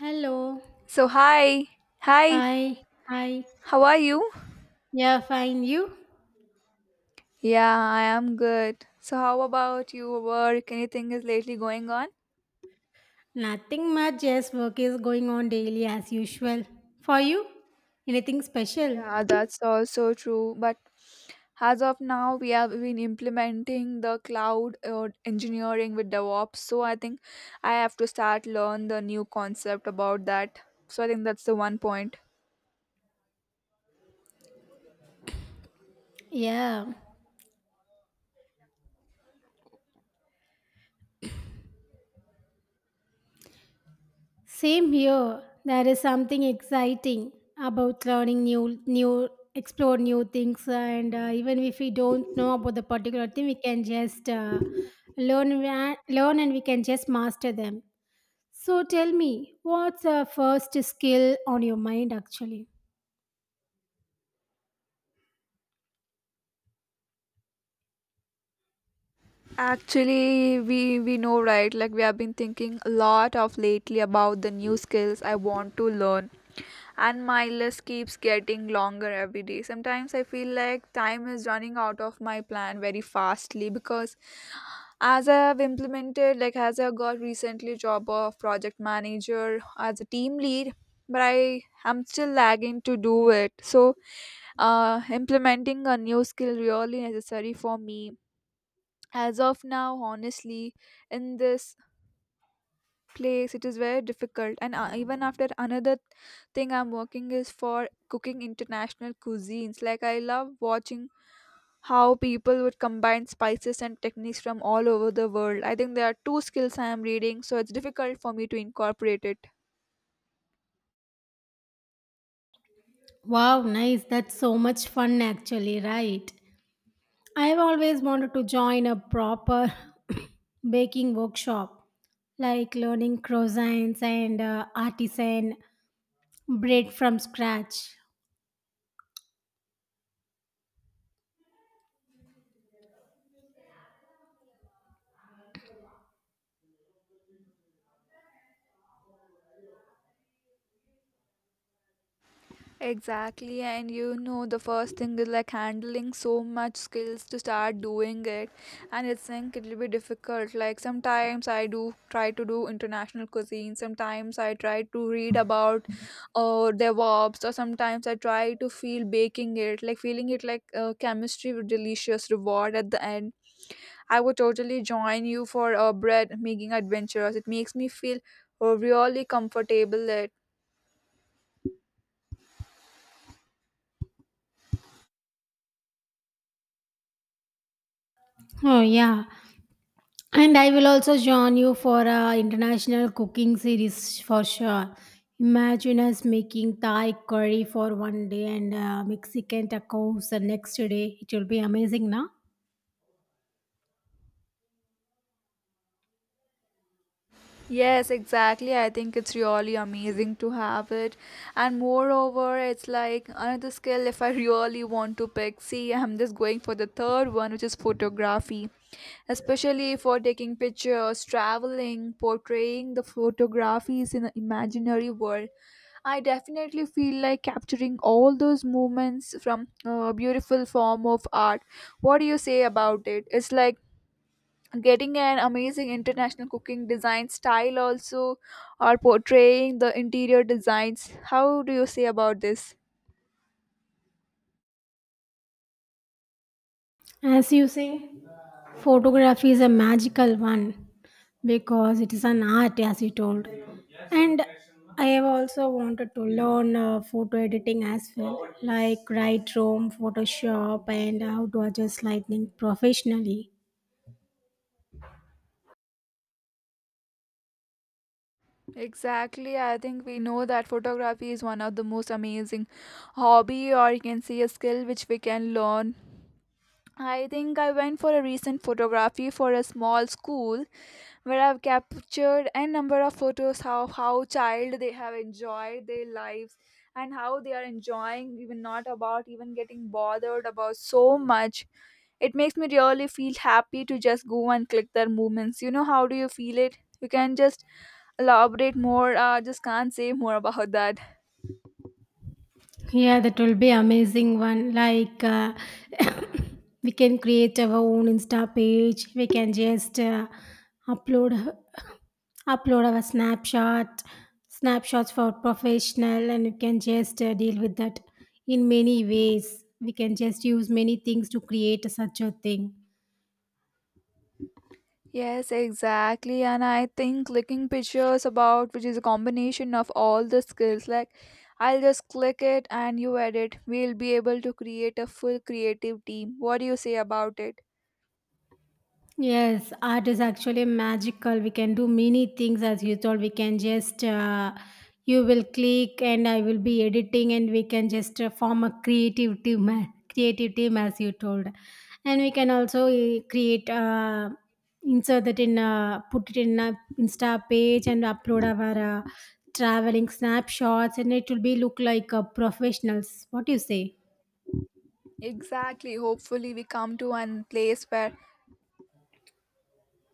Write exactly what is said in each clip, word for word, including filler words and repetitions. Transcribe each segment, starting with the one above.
Hello. So, hi. Hi. Hi. Hi. How are you? Yeah, fine. You? Yeah, I am good. So, how about you? Work? Anything is lately going on? Nothing much. Yes, work is going on daily as usual. For you? Anything special? Yeah, that's also true. But as of now, we have been implementing the cloud uh, engineering with DevOps. So, I think I have to start learn the new concept about that. So, I think that's the one point. Yeah. Same here. There is something exciting about learning new, new, explore new things, and uh, even if we don't know about the particular thing, we can just uh, learn, wa- learn, and we can just master them. So tell me, what's the first skill on your mind actually? Actually, we we know right. Like we have been thinking a lot of lately about the new skills I want to learn, and my list keeps getting longer every day. Sometimes I feel like time is running out of my plan very fastly, because as I have implemented, like as I got recently job of project manager as a team lead, but I am still lagging to do it. So uh, implementing a new skill really necessary for me as of now, honestly. In this place it is very difficult, and uh, even after another thing I'm working is for cooking international cuisines. Like I love watching how people would combine spices and techniques from all over the world. I think there are two skills I am reading, so it's difficult for me to incorporate it. Wow, nice. That's so much fun, actually, right? I've always wanted to join a proper baking workshop, like learning croissants and uh, artisan bread from scratch. Exactly, and you know, the first thing is like handling so much skills to start doing it, and it's think it'll be difficult. Like sometimes I do try to do international cuisine, sometimes I try to read about uh, DevOps, or sometimes I try to feel baking it, like feeling it like uh, chemistry with delicious reward at the end. I would totally join you for a bread making adventures. It makes me feel uh, really comfortable. Oh, yeah. And I will also join you for a international cooking series for sure. Imagine us making Thai curry for one day and uh, Mexican tacos the next day. It will be amazing, now. Yes, exactly. I think it's really amazing to have it. And moreover, it's like another skill if I really want to pick. See, I'm just going for the third one, which is photography, especially for taking pictures, traveling, portraying the photographies in an imaginary world. I definitely feel like capturing all those moments from a beautiful form of art. What do you say about it? It's like getting an amazing international cooking design style also, or portraying the interior designs. How do you say about this? As you say. Photography is a magical one because it is an art as you told, and I have also wanted to learn uh, photo editing as well, like Lightroom, Photoshop, and how to adjust lighting professionally. Exactly. I think we know that photography is one of the most amazing hobby, or you can see a skill which we can learn. I think I went for a recent photography for a small school, where I've captured a number of photos of how child they have enjoyed their lives, and how they are enjoying even not about even getting bothered about so much. It makes me really feel happy to just go and click their movements. You know how do you feel it? You can just elaborate more. I just can't say more about that. Yeah, that will be amazing one. Like uh, we can create our own Insta page. We can just uh, upload upload our snapshot snapshots for professional, and we can just uh, deal with that in many ways. We can just use many things to create such a thing. Yes, exactly. And I think clicking pictures about, which is a combination of all the skills, like I'll just click it and you edit. We'll be able to create a full creative team. What do you say about it? Yes, art is actually magical. We can do many things as you told. We can just, uh, you will click and I will be editing, and we can just uh, form a creative team, creative team as you told. And we can also uh, create, uh, insert that in, uh, put it in a Insta page and upload our uh, traveling snapshots, and it will be look like uh, professionals. What do you say? Exactly. Hopefully, we come to one place where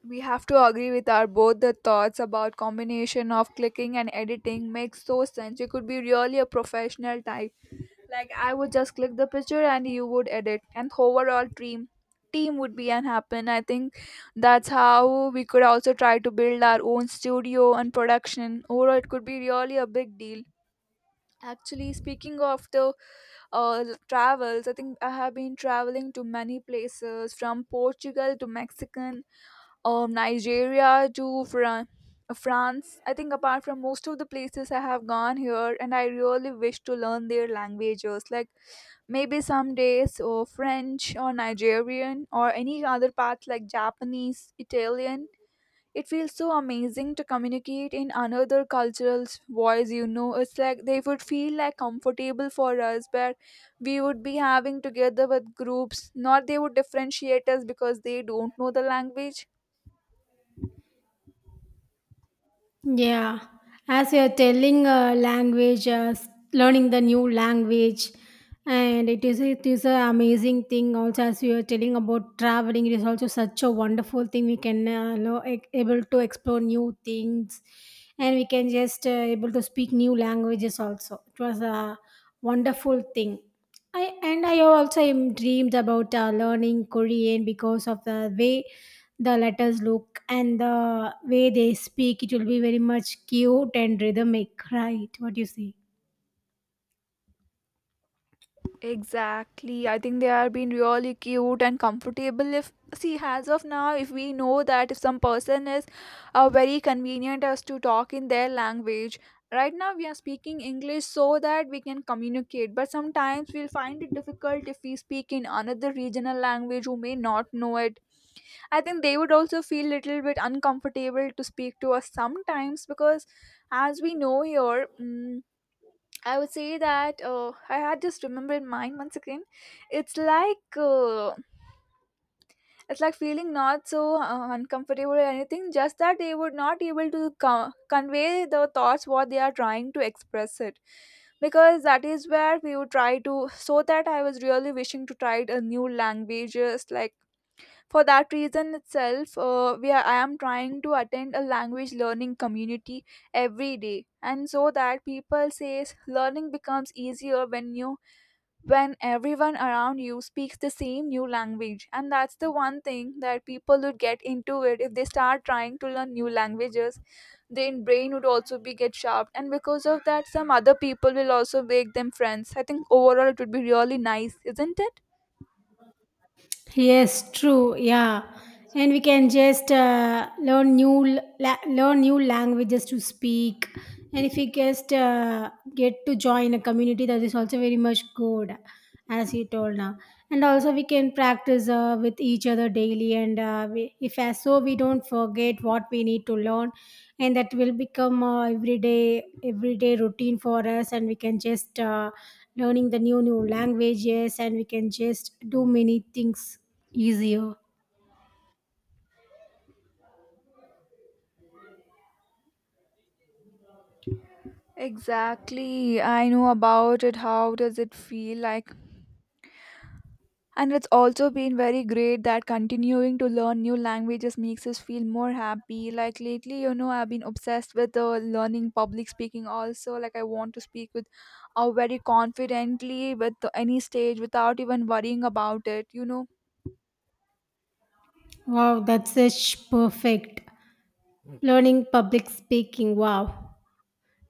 we have to agree with our both the thoughts about combination of clicking and editing makes so sense. You could be really a professional type. Like I would just click the picture and you would edit, and overall team team would be and happen. I think that's how we could also try to build our own studio and production. Overall it could be really a big deal. Actually speaking of the uh, travels, I think I have been traveling to many places from Portugal to Mexican um, Nigeria to Fran- France. I think apart from most of the places I have gone here, and I really wish to learn their languages. Like maybe some days or French or Nigerian or any other parts like Japanese, Italian. It feels so amazing to communicate in another cultural's voice, you know. It's like they would feel like comfortable for us, but we would be having together with groups. Not they would differentiate us because they don't know the language. Yeah, as you're telling uh, language, uh, s- learning the new language, and it is it is an amazing thing. Also, as you are telling about traveling, it is also such a wonderful thing. We can uh, lo- e- able to explore new things, and we can just uh, able to speak new languages. Also, it was a wonderful thing. I and I also am dreamed about uh, learning Korean because of the way the letters look and the way they speak. It will be very much cute and rhythmic, right? What do you say? Exactly. I think they are being really cute and comfortable. If see, as of now, if we know that if some person is uh, very convenient as to talk in their language, right now we are speaking English so that we can communicate. But sometimes we'll find it difficult if we speak in another regional language who may not know it. I think they would also feel little bit uncomfortable to speak to us sometimes, because as we know here. mm I would say that uh, I had just remember in mind once again. It's like uh, it's like feeling not so uh, uncomfortable or anything. Just that they were not able to co- convey the thoughts what they are trying to express it, because that is where we would try to. So that I was really wishing to try a new languages, like for that reason itself uh, we are, I am trying to attend a language learning community every day, and so that people says learning becomes easier when you, when everyone around you speaks the same new language. And that's the one thing that people would get into it if they start trying to learn new languages. Their brain would also be get sharp, and because of that some other people will also make them friends. I think overall it would be really nice, isn't it? Yes, true. Yeah, and we can just uh, learn new l- la- learn new languages to speak, and if we just uh, get to join a community, that is also very much good. As you told now, and also we can practice uh, with each other daily, and uh, we, if as so we don't forget what we need to learn, and that will become uh, everyday everyday routine for us, and we can just uh, learning the new new languages, and we can just do many things easier. Exactly. I know about it. How does it feel like? And it's also been very great that continuing to learn new languages makes us feel more happy. Like lately, you know, I've been obsessed with uh, learning public speaking also. Like I want to speak with uh, very confidently with any stage without even worrying about it, you know. Wow, that's such perfect. Learning public speaking, wow.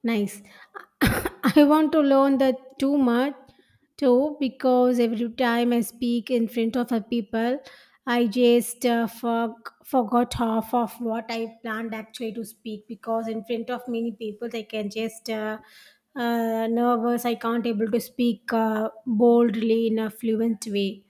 Nice. I want to learn that too much too, because every time I speak in front of a people, I just uh, for, forgot half of what I planned actually to speak, because in front of many people I can just uh, uh, nervous. I can't able to speak uh, boldly in a fluent way.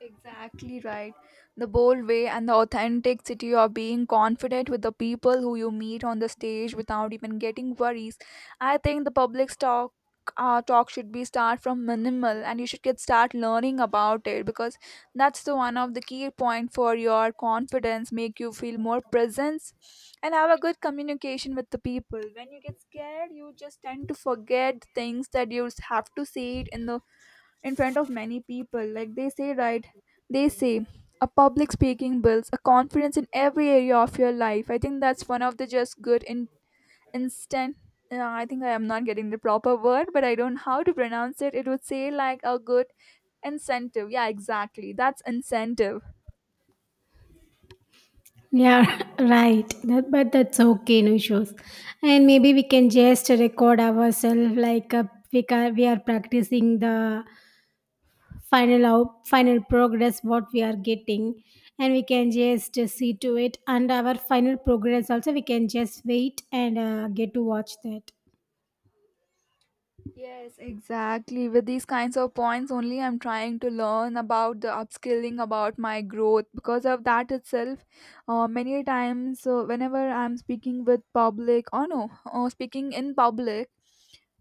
Exactly right. The bold way and the authenticity of being confident with the people who you meet on the stage without even getting worries. I think the public talk uh, talk should be start from minimal, and you should get start learning about it, because that's the one of the key point for your confidence, make you feel more presence and have a good communication with the people. When you get scared, you just tend to forget things that you have to say it in the in front of many people. Like they say, right? They say a public speaking builds a confidence in every area of your life. I think that's one of the just good in instant. Uh, I think I am not getting the proper word, but I don't know how to pronounce it. It would say like a good incentive. Yeah, exactly. That's incentive. Yeah, right. That, but that's okay, no issues. And maybe we can just record ourselves like uh, we, ca- we are practicing the final out, final progress what we are getting, and we can just uh, see to it. And our final progress also we can just wait and uh, get to watch that. Yes, exactly. With these kinds of points, only I'm trying to learn about the upskilling, about my growth. Because of that itself, uh, many times, uh, whenever I'm speaking with public, or no, uh, speaking in public,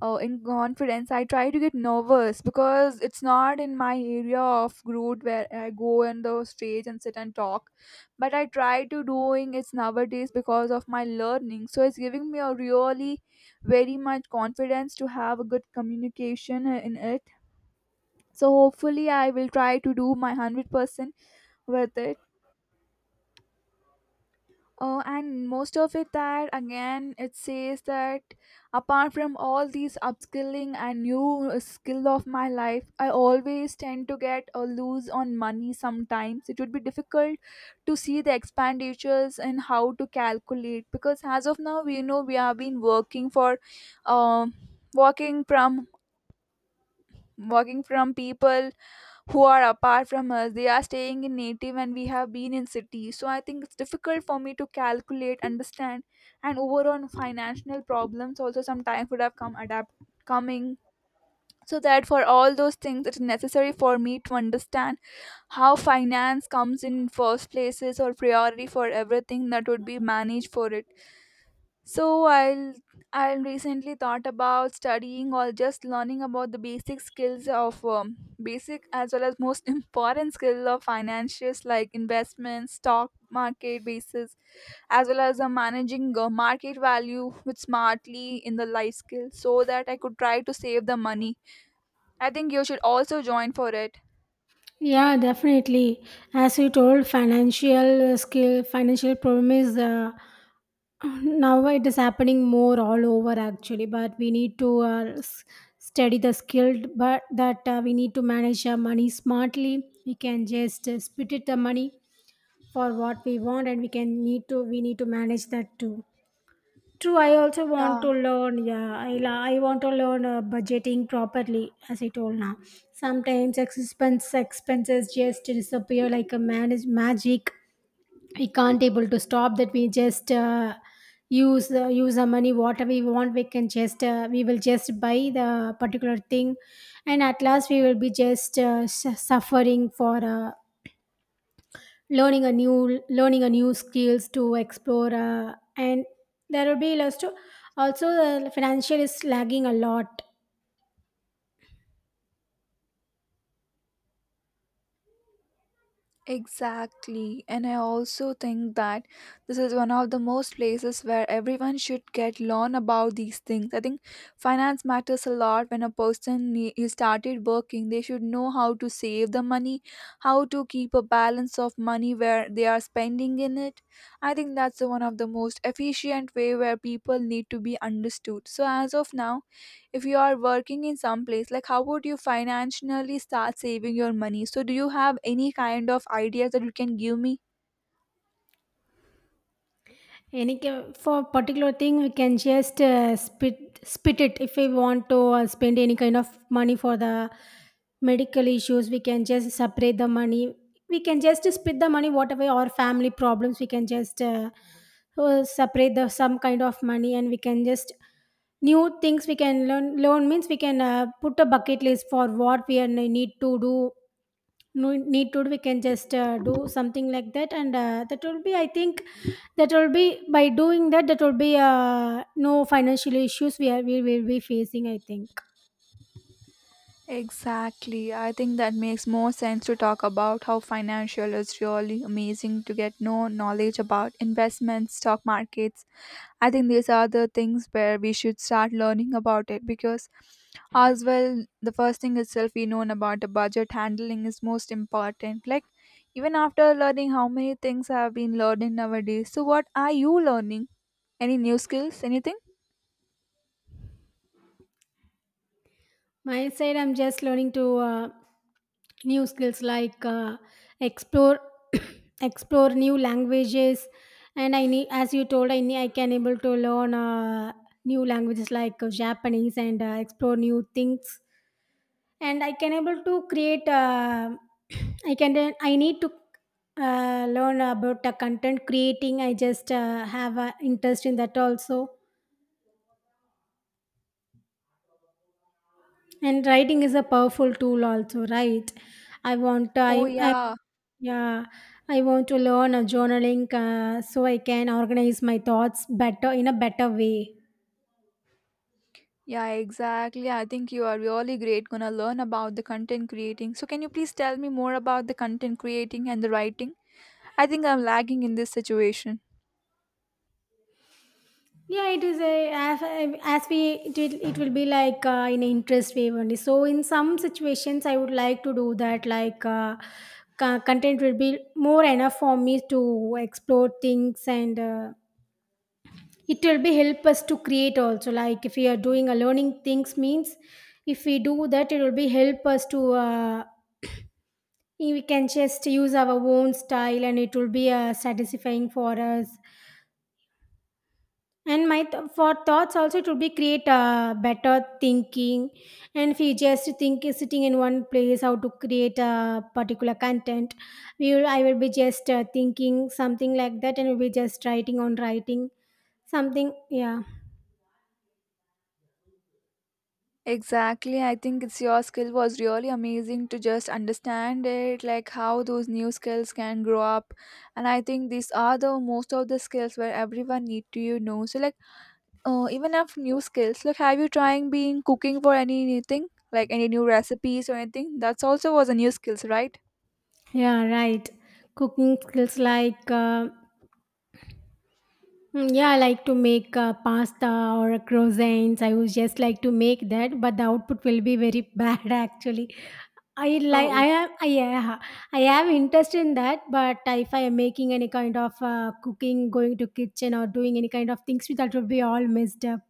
oh, in confidence, I try to get nervous because it's not in my area of route where I go on the stage and sit and talk. But I try to doing it's nowadays because of my learning, so it's giving me a really very much confidence to have a good communication in it. So hopefully I will try to do my one hundred percent with it. Oh, and most of it that again it says that apart from all these upskilling and new uh, skill of my life, I always tend to get a lose on money sometimes. It would be difficult to see the expenditures and how to calculate, because as of now we know we have been working for um working from working from people who are apart from us. They are staying in native and we have been in city, so I think it's difficult for me to calculate understand. And overall financial problems also sometimes would have come adapt coming. So that for all those things it's necessary for me to understand how finance comes in first places or priority for everything that would be managed for it. So I'll I'll recently thought about studying or just learning about the basic skills of um, basic as well as most important skill of financials like investments, stock market basis, as well as uh, managing uh, market value with smartly in the life skill, so that I could try to save the money. I think you should also join for it. Yeah, definitely. As you told, financial skill, financial problem is uh, now it is happening more all over actually, but we need to uh, s- study the skill, but that uh, we need to manage our money smartly. We can just uh, split it the money for what we want, and we can need to we need to manage that too. True, I also want Yeah. to learn. Yeah, I la- I want to learn uh, budgeting properly, as I told now. Sometimes expense expenses just disappear like a manage magic. We can't able to stop that. We just uh, use uh, use our money whatever we want. We can just uh, we will just buy the particular thing, and at last we will be just uh, s- suffering for uh, learning a new learning a new skills to explore uh, and there will be lots to, also the financial is lagging a lot. Exactly. And I also think that this is one of the most places where everyone should get learn about these things. I think finance matters a lot when a person ne- is started working. They should know how to save the money, how to keep a balance of money where they are spending in it. I think that's the one of the most efficient way where people need to be understood. So as of now, if you are working in some place, like how would you financially start saving your money? So do you have any kind of ideas that you can give me? Any ca- for particular thing, we can just uh, spit spit it. If we want to uh, spend any kind of money for the medical issues, we can just separate the money. We can just split the money. Whatever our family problems, we can just uh, uh, separate the some kind of money, and we can just new things we can learn. Learn means we can uh, put a bucket list for what we are, need to do, no need to. We can just uh, do something like that, and uh, that will be, I think, that will be, by doing that, that will be uh, no financial issues we are we will be facing, I think. Exactly. I think that makes more sense to talk about how financial is really amazing to get no knowledge about investments, stock markets. I think these are the things where we should start learning about it because, as well, the first thing itself we known about the budget handling is most important. Like, even after learning how many things I have been learning nowadays. So, what are you learning? Any new skills? Anything? My side, I'm just learning to uh, new skills like uh, explore explore new languages, and I need, as you told, I need, I can able to learn uh, new languages like uh, Japanese, and uh, explore new things, and I can able to create uh, I can I need to uh, learn about the content creating. I just uh, have an interest in that also, and writing is a powerful tool also, right? i want Oh, i, I yeah. yeah, I want to learn a journaling uh, so I can organize my thoughts better in a better way. Yeah, exactly. I think you are really great. Gonna learn about the content creating. So, can you please tell me more about the content creating and the writing? I think I'm lagging in this situation. Yeah, it is a as as we it will, it will be like uh, in an interest way only. So in some situations, I would like to do that. Like uh, co- content will be more enough for me to explore things, and uh, it will be help us to create also. Like if we are doing a learning things means, if we do that, it will be help us to. Uh, we can just use our own style, and it will be uh, satisfying for us. And my th- for thoughts also, it would be create a better thinking. And if you just think is sitting in one place how to create a particular content, we will I will be just uh, thinking something like that, and we'll be just writing on writing something. Yeah, Exactly. I think it's your skill was really amazing to just understand it, like how those new skills can grow up. And I think these are the most of the skills where everyone need to you know. So like uh, even if new skills, like have you trying being cooking for anything? Like any new recipes or anything? That's also was a new skills, right? yeah, right. Cooking skills like. Uh, Mm, Yeah, I like to make uh, pasta or croissants. I would just like to make that, but the output will be very bad actually. I like I Oh, am I yeah, I have interest in that, but if I am making any kind of uh, cooking, going to kitchen or doing any kind of things, that will be all messed up.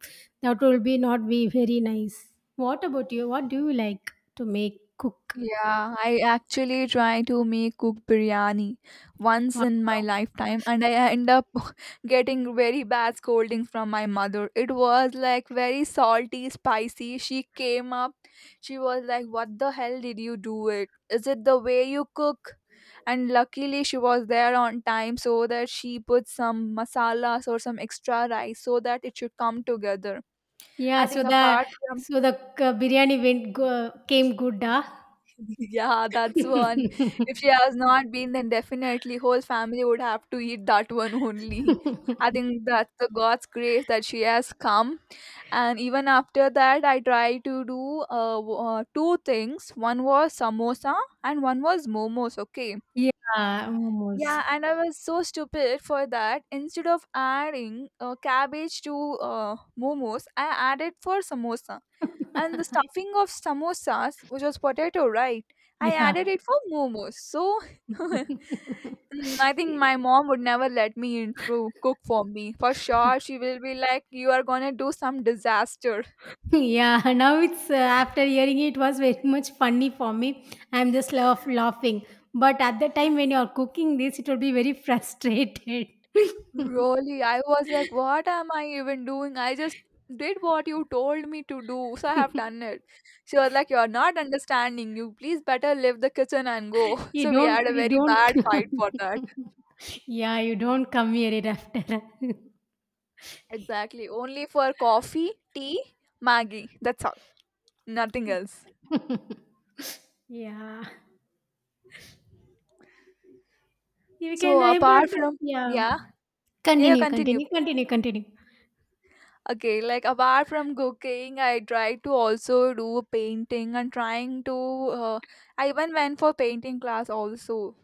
That will be not be very nice. What about you? What do you like to make cook? yeah, I actually try to make cook biryani once Wow. in my lifetime and I end up getting very bad scolding from my mother. It was like very salty, spicy. She came up, she was like, "What the hell did you do it? Is it the way you cook?" And luckily she was there on time so that she put some masalas or some extra rice so that it should come together. I Yeah, so think the apart so the uh, biryani went go, came good, huh? yeah, that's one. If she has not been, then definitely whole family would have to eat that one only. I think that's the God's grace that she has come. And even after that, I tried to do uh, w- uh, two things. One was samosa and one was momos. Okay, Yeah, almost. yeah, and I was so stupid for that. Instead of adding uh, cabbage to uh, momos, I added for samosa. And the stuffing of samosas, which was potato, right? I added Yeah. it for momos. So mm, I think my mom would never let me in to cook for me. For sure, she will be like, "You are gonna do some disaster." Yeah, now it's uh, after hearing it was very much funny for me. I'm just laugh, laughing. But at the time when you're cooking this, it will be very frustrated. Really, I was like, what am I even doing? I just did what you told me to do, so I have done it. She was like, "You're not understanding. You please better leave the kitchen and go." You So we had don't, a you very don't. bad fight for that. Yeah, you don't come here it after. Exactly. Only for coffee, tea, Maggie. That's all. Nothing else. Yeah, you can So able apart to. from, Yeah, yeah, yeah, you continue, continue. continue, continue, continue. Okay, like apart from cooking, I tried to also do painting and trying to. Uh, I even went for painting class also.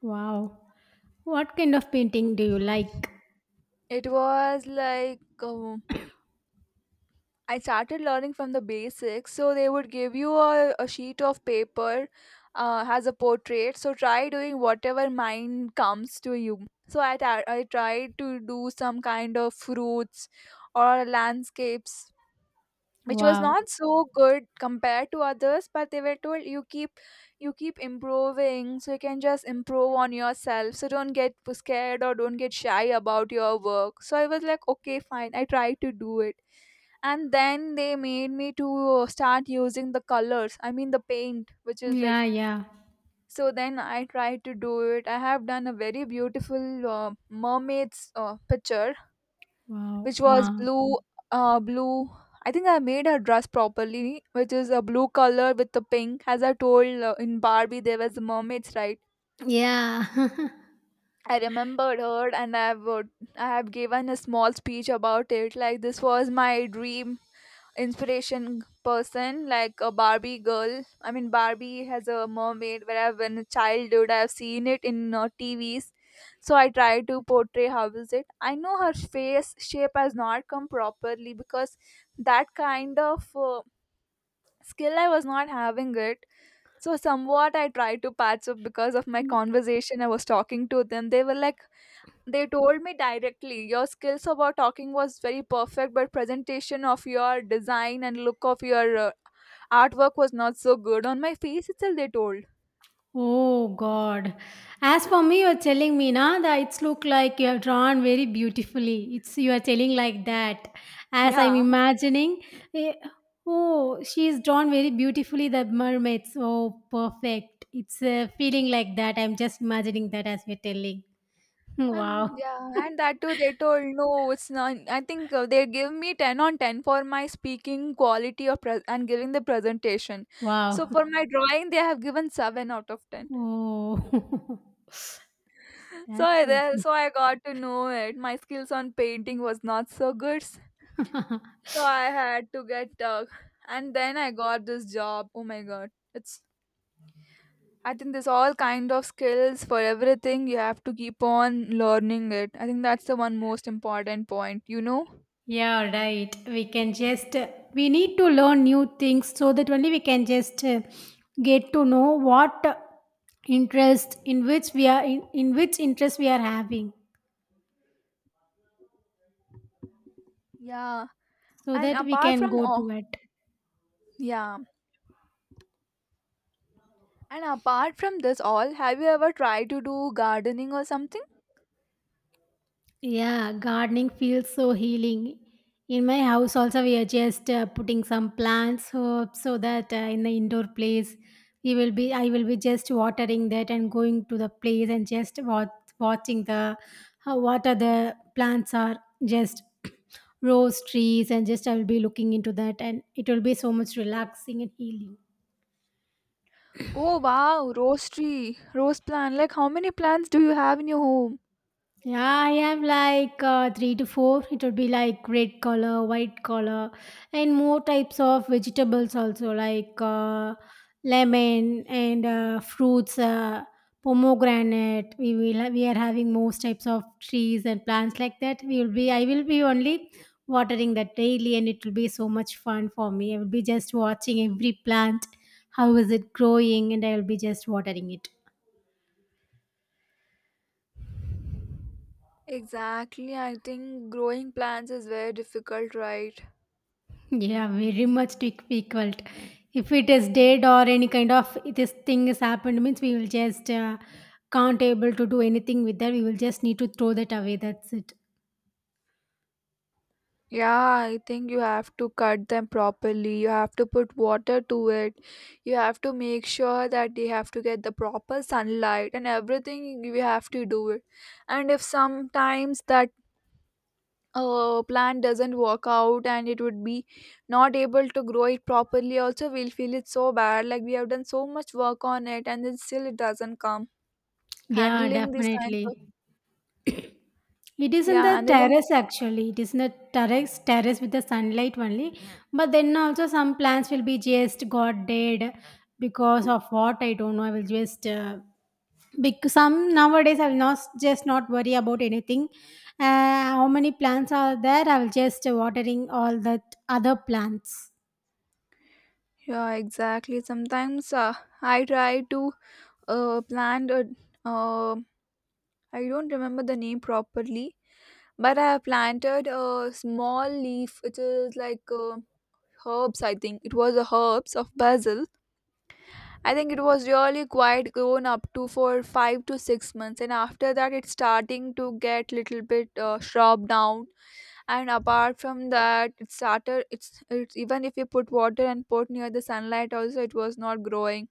Wow, what kind of painting do you like? It was like um, I started learning from the basics. So they would give you a, a sheet of paper, uh, has a portrait. So try doing whatever mind comes to you. So I, ta- I tried to do some kind of fruits or landscapes, which was Wow. not so good compared to others, but they were told, "You keep you keep improving, so you can just improve on yourself, so don't get scared or don't get shy about your work." So I was like, "Okay, fine, I tried to do it." And then they made me to start using the colors, I mean the paint, which is like. Yeah, yeah. So then I tried to do it. I have done a very beautiful uh, mermaid's uh, picture, which Wow. was Uh, blue uh blue. I think I made her dress properly, which is a blue color with the pink, as I told, uh, in Barbie there was the mermaids, right? yeah. I remembered her, and i have uh, I have given a small speech about it, like this was my dream inspiration person, like a Barbie girl, I mean Barbie has a mermaid where I when a childhood I've seen it in uh, TVs. So I try to portray how is it. I know her face shape has not come properly because that kind of uh, skill I was not having it. So somewhat I try to patch up, because of my conversation I was talking to them. They were like, they told me directly, "Your skills about talking was very perfect, but presentation of your design and look of your uh, artwork was not so good." On my face itself, they told. Oh God. As for me, you're telling me now that it's look like you have drawn very beautifully. It's you are telling like that. As I'm Yeah. imagining, eh, oh, she's drawn very beautifully the mermaids. Oh, perfect. It's a feeling like that. I'm just imagining that as you're telling. And Wow. yeah, and that too, they told no, it's not. I think uh, they give me ten on ten for my speaking quality of pres and giving the presentation. Wow. So for my drawing, they have given seven out of ten. Oh, So that's I, there- So I got to know it. My skills on painting was not so good. okay. So I had to get uh, and then I got this job. Oh my god. It's I think there's all kind of skills for everything. You have to keep on learning it. I think that's the one most important point, you know? Yeah, right. We can just, we need to learn new things, so that only we can just uh, get to know what interest in which we are, in, in which interest we are having, Yeah. so And that we apart can from, go to oh it. yeah. And apart from this all, have you ever tried to do gardening or something? Yeah, gardening feels so healing. In my house, also, we are just uh, putting some plants, so, so that uh, in the indoor place, we will be. I will be just watering that and going to the place and just wat- watching the how what are the plants are just rose trees, and just I will be looking into that, and it will be so much relaxing and healing. Oh wow, rose tree, rose plant. Like how many plants do you have in your home? Yeah, I have like uh, three to four. It would be like red color, white color, and more types of vegetables also, like uh, lemon and uh, fruits, uh, pomegranate. We will ha- we are having most types of trees and plants like that. We will be. I will be only watering that daily, and it will be so much fun for me. I will be just watching every plant, how is it growing, and I will be just watering it. Exactly. I think growing plants is very difficult, right? Yeah, very much to equ- equaled. If it is dead or any kind of this thing has happened, means we will just uh, can't able to do anything with that. We will just need to throw that away. That's it. Yeah, I think you have to cut them properly. You have to put water to it. You have to make sure that they have to get the proper sunlight and everything. You have to do it. And if sometimes that uh, plant doesn't work out and it would be not able to grow it properly, also we'll feel it so bad. Like we have done so much work on it and then still it doesn't come. Yeah, Handling these kinds of, definitely. It is in yeah, the handling, terrace actually. It is in the terrace, terrace with the sunlight only. But then also some plants will be just got dead because of what I don't know. I will just uh, because some nowadays I will not just not worry about anything. Uh, how many plants are there? I will just watering all that other plants. yeah, exactly. Sometimes uh, I try to uh, planted uh, I don't remember the name properly, but I have planted a small leaf. It is like uh, herbs. I think it was a herbs of basil. I think it was really quite grown up to for five to six months, and after that it's starting to get little bit uh, shrub down. And apart from that it started it's, it's, even if you put water and put near the sunlight also, it was not growing.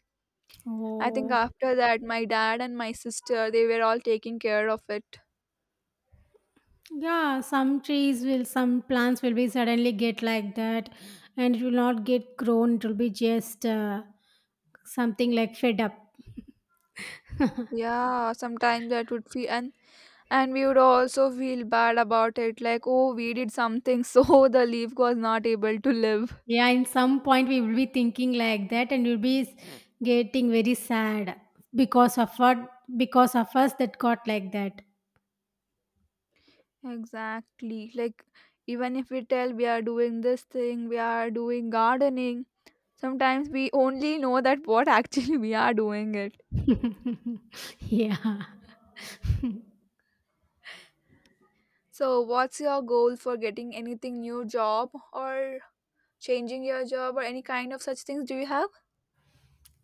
I think Oh. after that, my dad and my sister, they were all taking care of it. Yeah, some trees will, some plants will be suddenly get like that, and it will not get grown. It will be just uh, something like fed up. Yeah, sometimes that would feel, and and we would also feel bad about it, like oh we did something so the leaf was not able to live. Yeah, in some point we will be thinking like that, and we'll be s- getting very sad because of what, because of us that got like that. Exactly, like even if we tell we are doing this thing, we are doing gardening. Sometimes we only know that what actually we are doing it. Yeah. So, what's your goal for getting anything new job or changing your job or any kind of such things? Do you have?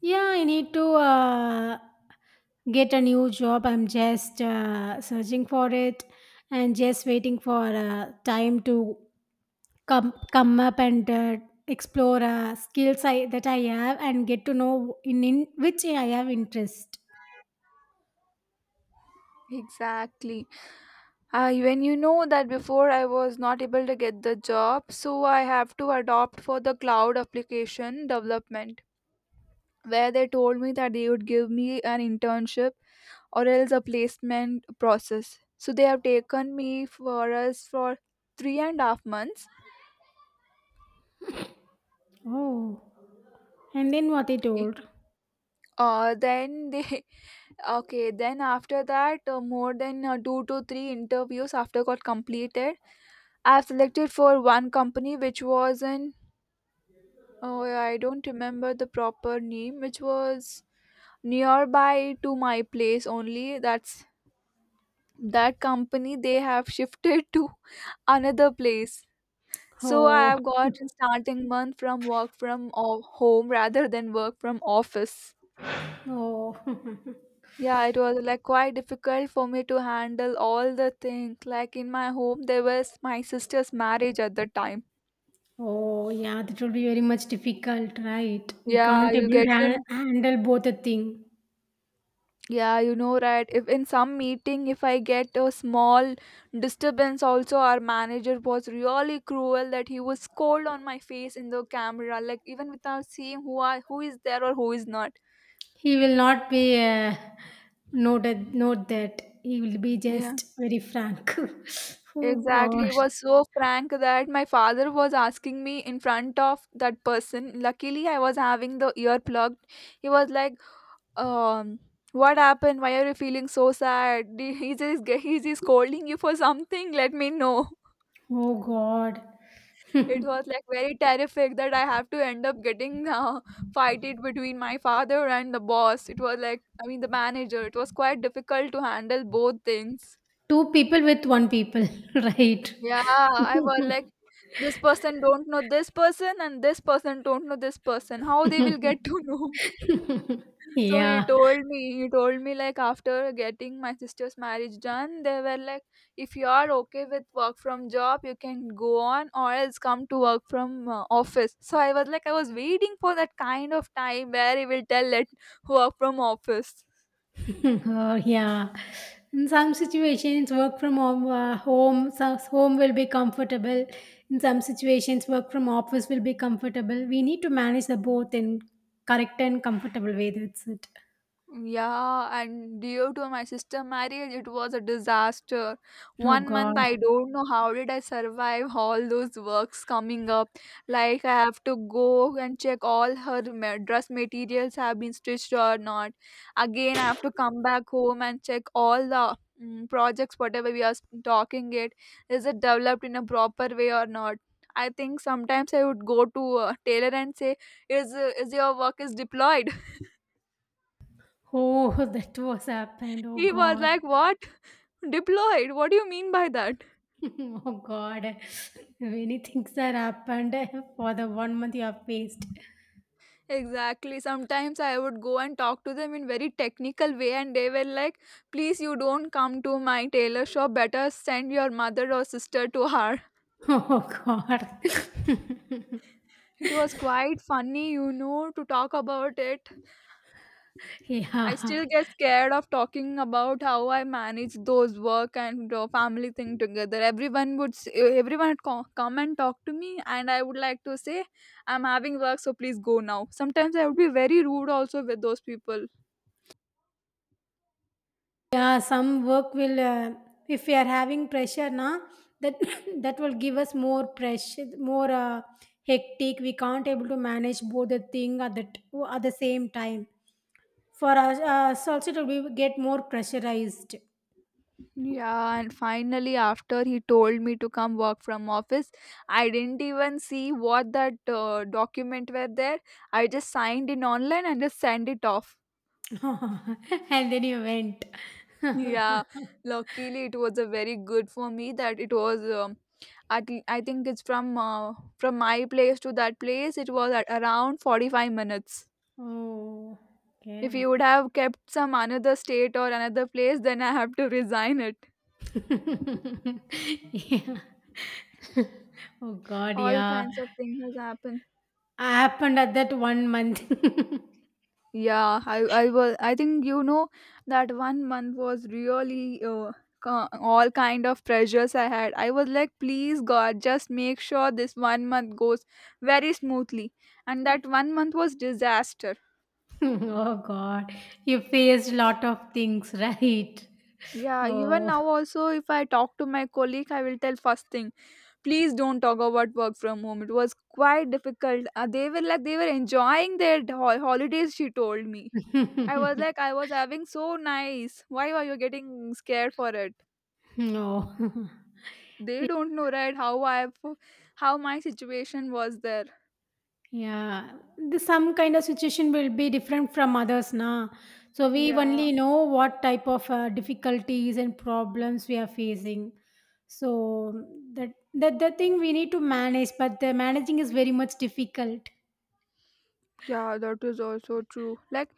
Yeah, I need to uh, get a new job. I'm just uh, searching for it and just waiting for uh, time to come come up and uh, explore uh, skills I, that I have and get to know in, in which I have interest. Exactly. Uh, when you know that before I was not able to get the job, so I have to adopt for the cloud application development, where they told me that they would give me an internship or else a placement process. So they have taken me for us for three and a half months. Oh, and then what they Okay. told. Uh, then they okay. Then after that, uh, more than uh, two to three interviews after got completed, I have selected for one company which was in, oh, yeah, I don't remember the proper name, which was nearby to my place only. That's that company they have shifted to another place. So I Oh, have got starting month from work from o- home rather than work from office. oh, Yeah, it was like quite difficult for me to handle all the things. Like in my home, there was my sister's marriage at the time. oh, yeah, that will be very much difficult, right? We Yeah, can't you able get to han- to, handle both the thing. yeah, you know, right. If in some meeting, if I get a small disturbance, also our manager was really cruel that he was scold on my face in the camera, like even without seeing who I who is there or who is not. He will not be uh, noted, note that. He will be Yeah, just very frank. Oh exactly. God! It was so frank that my father was asking me in front of that person. Luckily, I was having the ear plugged. He was like, um. "What happened? Why are you feeling so sad? Did- Is he, is he scolding you for something? Let me know." Oh God. It was like very terrific that I have to end up getting uh, fight it between my father and the boss. It was like I mean the manager. It was quite difficult to handle both things. Two people with one people, right? Yeah, I was like this person don't know this person and this person don't know this person. How they will get to know? So he Yeah. told me, he told me like after getting my sister's marriage done, they were like, if you are okay with work from job, you can go on or else come to work from uh, office. So I was like, I was waiting for that kind of time where he will tell let work from office. Oh, yeah. In some situations, work from home, uh, home, so- home will be comfortable. In some situations, work from office will be comfortable. We need to manage the both in correct and comfortable way. That's it. Yeah, and due to my sister marriage, it was a disaster. Oh One month, God. I don't know how did I survive all those works coming up. Like I have to go and check all her ma- dress materials have been stitched or not. Again, I have to come back home and check all the mm, projects, whatever we are s- talking it, is it developed in a proper way or not? I think sometimes I would go to a tailor and say, "Is uh, is your work is deployed?" Oh, that was happened. Oh He was God. like, "What? Deployed? What do you mean by that?" Oh God. Many things that happened for the one month you have faced. Exactly. Sometimes I would go and talk to them in very technical way and they were like, "Please you don't come to my tailor shop. Better send your mother or sister to her." Oh God. It was quite funny, you know, to talk about it. I Yeah. still get scared of talking about how I manage those work and uh, family thing together. Everyone would s- everyone would co- come and talk to me and I would like to say, "I'm having work, so please go now." Sometimes I would be very rude also with those people. Yeah, some work will uh, if we are having pressure na that that will give us more pressure, more uh, hectic. We can't able to manage both the thing at the t- at the same time. For us, uh, so also to be, get more pressurized. Yeah, and finally, after he told me to come work from office, I didn't even see what that uh, document were there. I just signed in online and just sent it off. And then you went. Yeah, luckily it was a very good for me that it was. Um, at l- I think it's from uh, from my place to that place. It was at around forty-five minutes. Oh, If okay. you would have kept some another state or another place, then I have to resign it. Yeah. Oh God, All yeah. kinds of things has happened. Happened at that one month. Yeah, I I was I think you know that one month was really uh, co- all kind of pressures I had. I was like, please God, just make sure this one month goes very smoothly. And that one month was disaster. Oh God, you faced lot of things, right? Yeah, even Oh. now also if I talk to my colleague, I will tell first thing, please don't talk about work from home. It was quite difficult. Uh, they were like they were enjoying their ho- holidays, she told me. I was like, I was having so nice. Why are you getting scared for it? No. They don't know, right? How I, how my situation was there. Yeah, the some kind of situation will be different from others na. So we Yeah. only know what type of uh, difficulties and problems we are facing. So that that the thing we need to manage, but the managing is very much difficult. Yeah, that is also true. Like,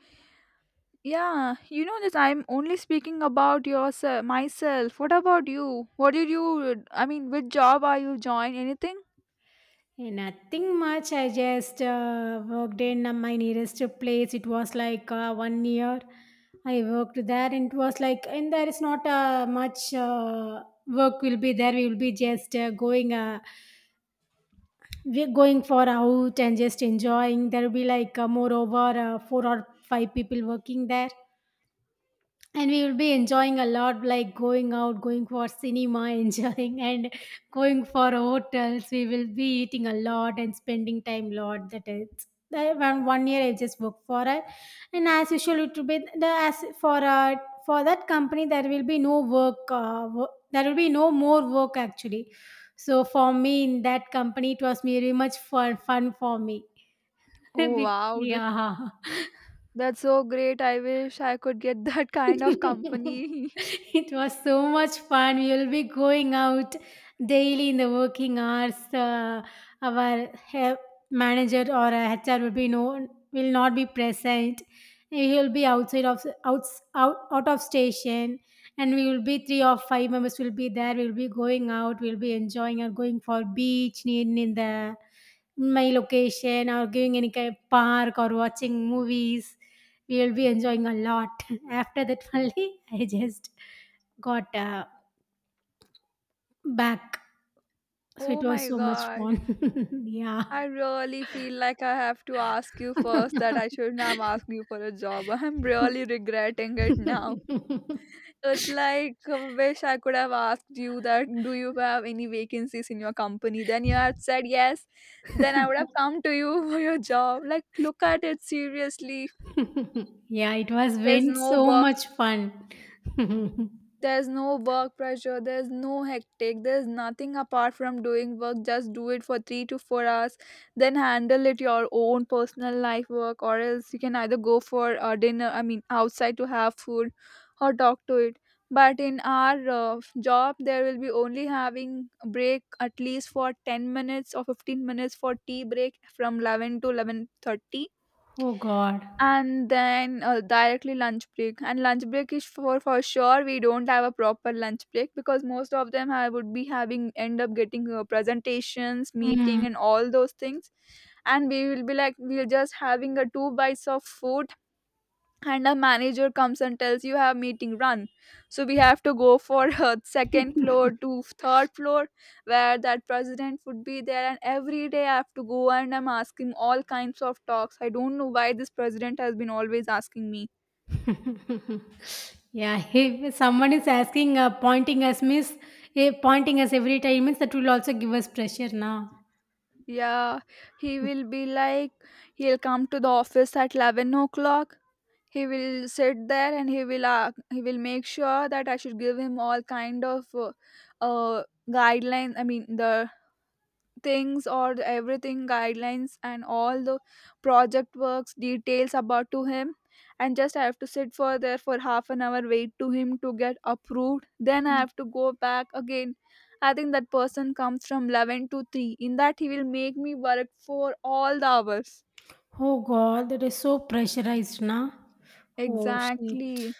yeah, you know this. I'm only speaking about yourself, myself. What about you? What did you? I mean, which job are you join? Anything? And nothing much. I just uh, worked in uh, my nearest place. It was like uh, one year. I worked there, and it was like, and there is not uh, much uh, work will be there. We will be just uh, going. Uh, we're going for out and just enjoying. There will be like uh, moreover uh, four or five people working there, and we will be enjoying a lot, like going out, going for cinema enjoying, and going for hotels. We will be eating a lot and spending time lot. That is I- one one year I just worked for it. And as usual it will be the as for uh, for that company there will be no work, uh, wo- there will be no more work actually. So for me, in that company, it was very much fun, fun for me. Oh Be- wow, th- Yeah. that's so great. I wish I could get that kind of company. It was so much fun. We will be going out daily in the working hours. Uh, our he- manager or a H R will be no will not be present. He will be outside of out, out out of station, and we will be three or five members will be there. We will be going out. We will be enjoying or going for beach in in the my location or going any kind of park or watching movies. We'll be enjoying a lot. After that only, I just got uh, back. So it Oh was my so much god. fun. Yeah. I really feel like I have to ask you first that I shouldn't have asked you for a job. I'm really regretting it now. It's like, uh, wish I could have asked you that, do you have any vacancies in your company? Then you had said yes. Then I would have come to you for your job. Like, look at it seriously. Yeah, it was There's been no so work. much fun. There's no work pressure, there's no hectic, there's nothing apart from doing work. Just do it for three to four hours, then handle it your own personal life work, or else you can either go for a dinner, I mean, outside to have food or talk to it. But in our uh, job, there will be only having a break at least for ten minutes or fifteen minutes for tea break from eleven to eleven thirty, Oh God. and then uh, directly lunch break. And lunch break is, for for sure, we don't have a proper lunch break, because most of them have, would be having end up getting uh, presentations Mm. meeting and all those things. And we will be like we're just having a two bites of food, and a manager comes and tells you have meeting run. So we have to go for uh, second floor to third floor, where that president would be there. And every day I have to go, and I'm asking all kinds of talks. I don't know why this president has been always asking me. Yeah, if someone is asking, uh, pointing us, miss, eh, pointing us every time, means that will also give us pressure now. Yeah, he will be like, he'll come to the office at eleven o'clock. He will sit there and he will uh, he will make sure that I should give him all kind of uh, uh guidelines. I mean the things, or the everything guidelines and all the project works details about to him. And just I have to sit for there for half an hour, wait to him to get approved, then I have to go back again. I think that person comes from eleven to three. In that he will make me work for all the hours. Oh God, that is so pressurized, na? Oh shit. Exactly.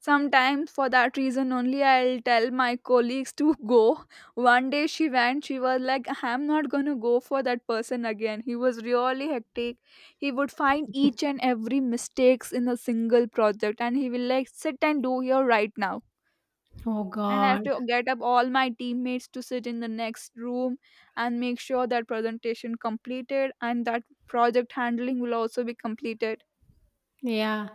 Sometimes, for that reason only, I'll tell my colleagues to go. One day she went, she was like, I'm not gonna go for that person again. He was really hectic. He would find each and every mistakes in a single project and he will like sit and do here right now. Oh And I have God. to get up all my teammates to sit in the next room and make sure that presentation completed and that project handling will also be completed. Yeah.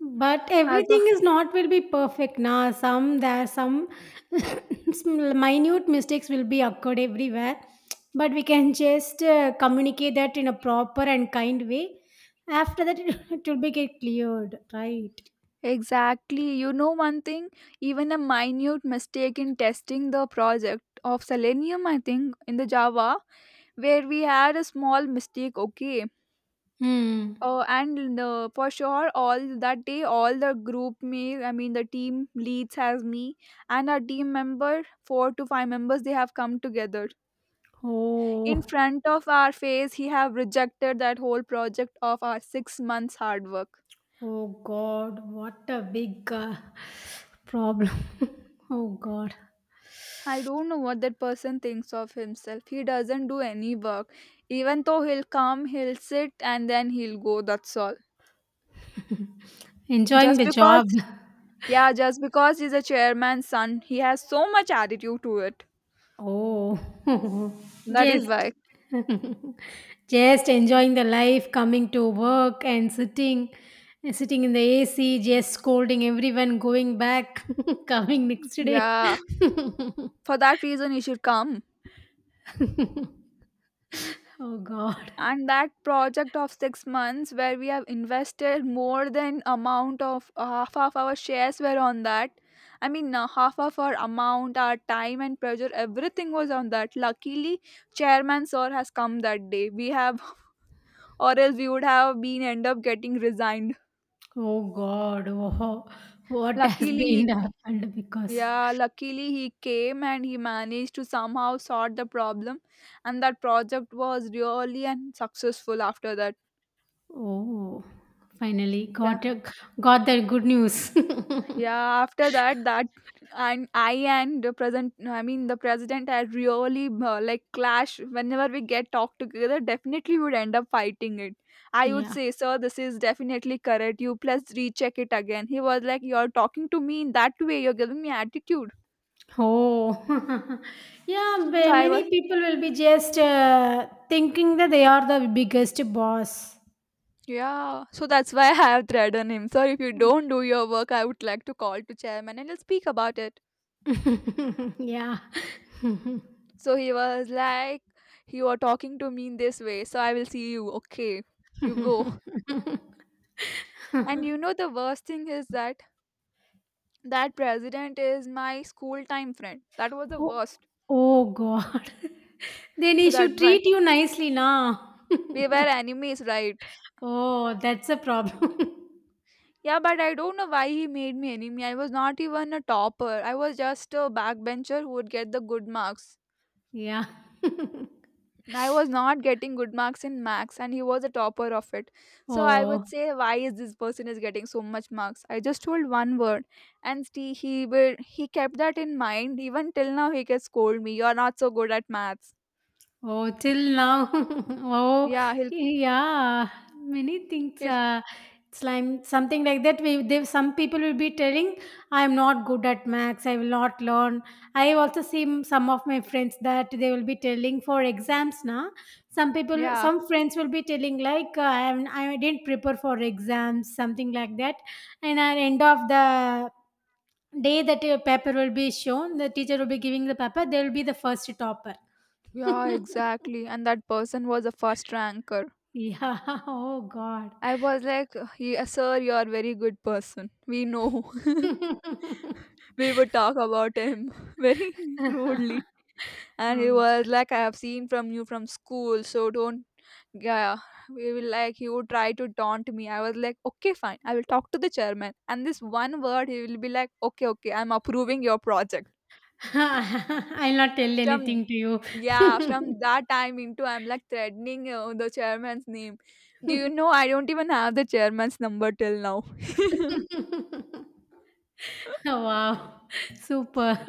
But As everything is not will be perfect, na? Some there some small minute mistakes will be occurred everywhere. But we can just uh, communicate that in a proper and kind way. After that, it will be get cleared, right? Exactly. You know one thing, even a minute mistake in testing the project of Selenium, I think, in the Java, where we had a small mistake, okay. Hmm. Uh, and uh, for sure, all that day, all the group me, I mean, the team leads has me, and our team member, four to five members, they have come together in Oh, front of our face. He have rejected that whole project of our six months hard work. oh God, what a big uh, problem. Oh God. I don't know what that person thinks of himself. He doesn't do any work. Even though he'll come, he'll sit and then he'll go. That's all. Enjoying Just the because, job. yeah, just because he's a chairman's son, he has so much attitude to it. Oh, That is just why. just enjoying the life, coming to work and sitting sitting in the A C, just scolding everyone, going back, coming next day. Yeah. For that reason, he should come. Oh God. And that project of six months, where we have invested more than amount of uh, half of our shares were on that. I mean, uh, half of our amount, our time and pressure, everything was on that. Luckily, chairman sir has come that day, we have, or else we would have been end up getting resigned. Oh God. Oh, what has Luckily he been happened because Yeah, luckily he came and he managed to somehow sort the problem, and that project was really and successful after that. oh finally Yeah. got a, got that good news. Yeah, after that, that and I and the present, I mean the president had really uh, like clash. Whenever we get talk together, definitely would end up fighting it. I would Yeah. say, sir, this is definitely correct. You plus recheck it again. He was like, you're talking to me in that way. You're giving me attitude. Oh, yeah, So ba- I was, many people will be just uh, thinking that they are the biggest boss. yeah. So that's why I have threatened him. Sir, if you don't do your work, I would like to call to chairman and I'll speak about it. Yeah. So he was like, "You are talking to me in this way, so I will see you. Okay, you go." And you know, the worst thing is that that president is my school time friend. That was the Oh, worst. oh, God. Then So he that's should why treat you nicely now. we were enemies, right? Oh, that's a problem. Yeah, but I don't know why he made me enemy. I was not even a topper, I was just a backbencher who would get the good marks. Yeah. I was not getting good marks in max and he was a topper of it. So I Oh. would say why is this person is getting so much marks? I just told one word, and see, he will he kept that in mind. Even till now he can scold me. You're not so good at maths. Oh, till now. Oh, Yeah, he'll yeah. Many things. he'll Uh, it's like something like that. We, they, some people will be telling, "I am not good at maths. I will not learn." I also see m- some of my friends that they will be telling for exams. Now, some people, yeah. some friends will be telling like, uh, "I am, I didn't prepare for exams," something like that. And at end of the day, that uh, paper will be shown. The teacher will be giving the paper. They will be the first topper. Yeah, exactly. And that person was a first ranker. Yeah. Oh God. I was like, yeah, sir, you're a very good person. We know. We would talk about him very rudely. And he Oh. was like, I have seen from you from school, so don't. Yeah, we will like, he would try to taunt me. I was like, okay fine, I will talk to the chairman. And this one word, he will be like, okay okay, I'm approving your project. I'll not tell From anything to you. Yeah, from that time into I'm like threatening uh, the chairman's name. Do you know, I don't even have the chairman's number till now. Wow. Super.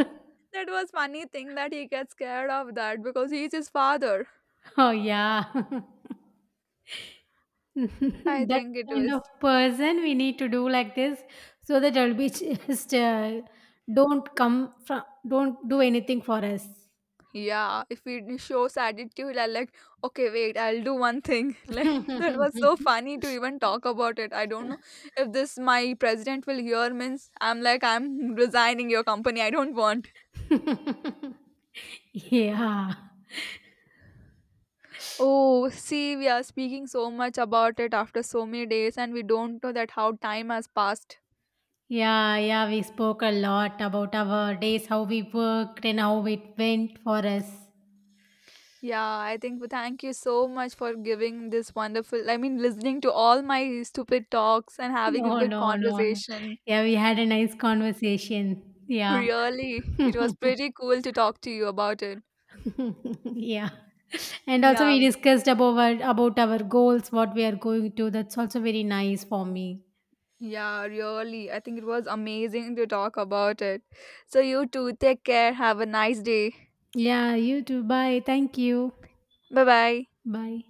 That was funny thing that he gets scared of that because he's his father. Oh yeah. I That think it kind was. of person we need to do like this so that it'll be just uh, don't come from don't do anything for us. Yeah, if it shows attitude, I like, okay, wait, I'll do one thing. Like, that was so funny to even talk about it. I don't know if this my president will hear means I'm like, I'm resigning your company. I don't want. Yeah. Oh, see, we are speaking so much about it after so many days, and we don't know that how time has passed. Yeah, yeah, we spoke a lot about our days, how we worked and how it went for us. Yeah, I think thank you so much for giving this wonderful, I mean, listening to all my stupid talks and having a No, good no, no, no. conversation. Yeah, we had a nice conversation. Yeah. Really, it was pretty cool to talk to you about it. Yeah. And also we Yeah, discussed about our, about our goals, what we are going to. That's also very nice for me. yeah, really. I think it was amazing to talk about it. So, you too, take care. Have a nice day. Yeah, you too. Bye. Thank you. Bye bye. Bye.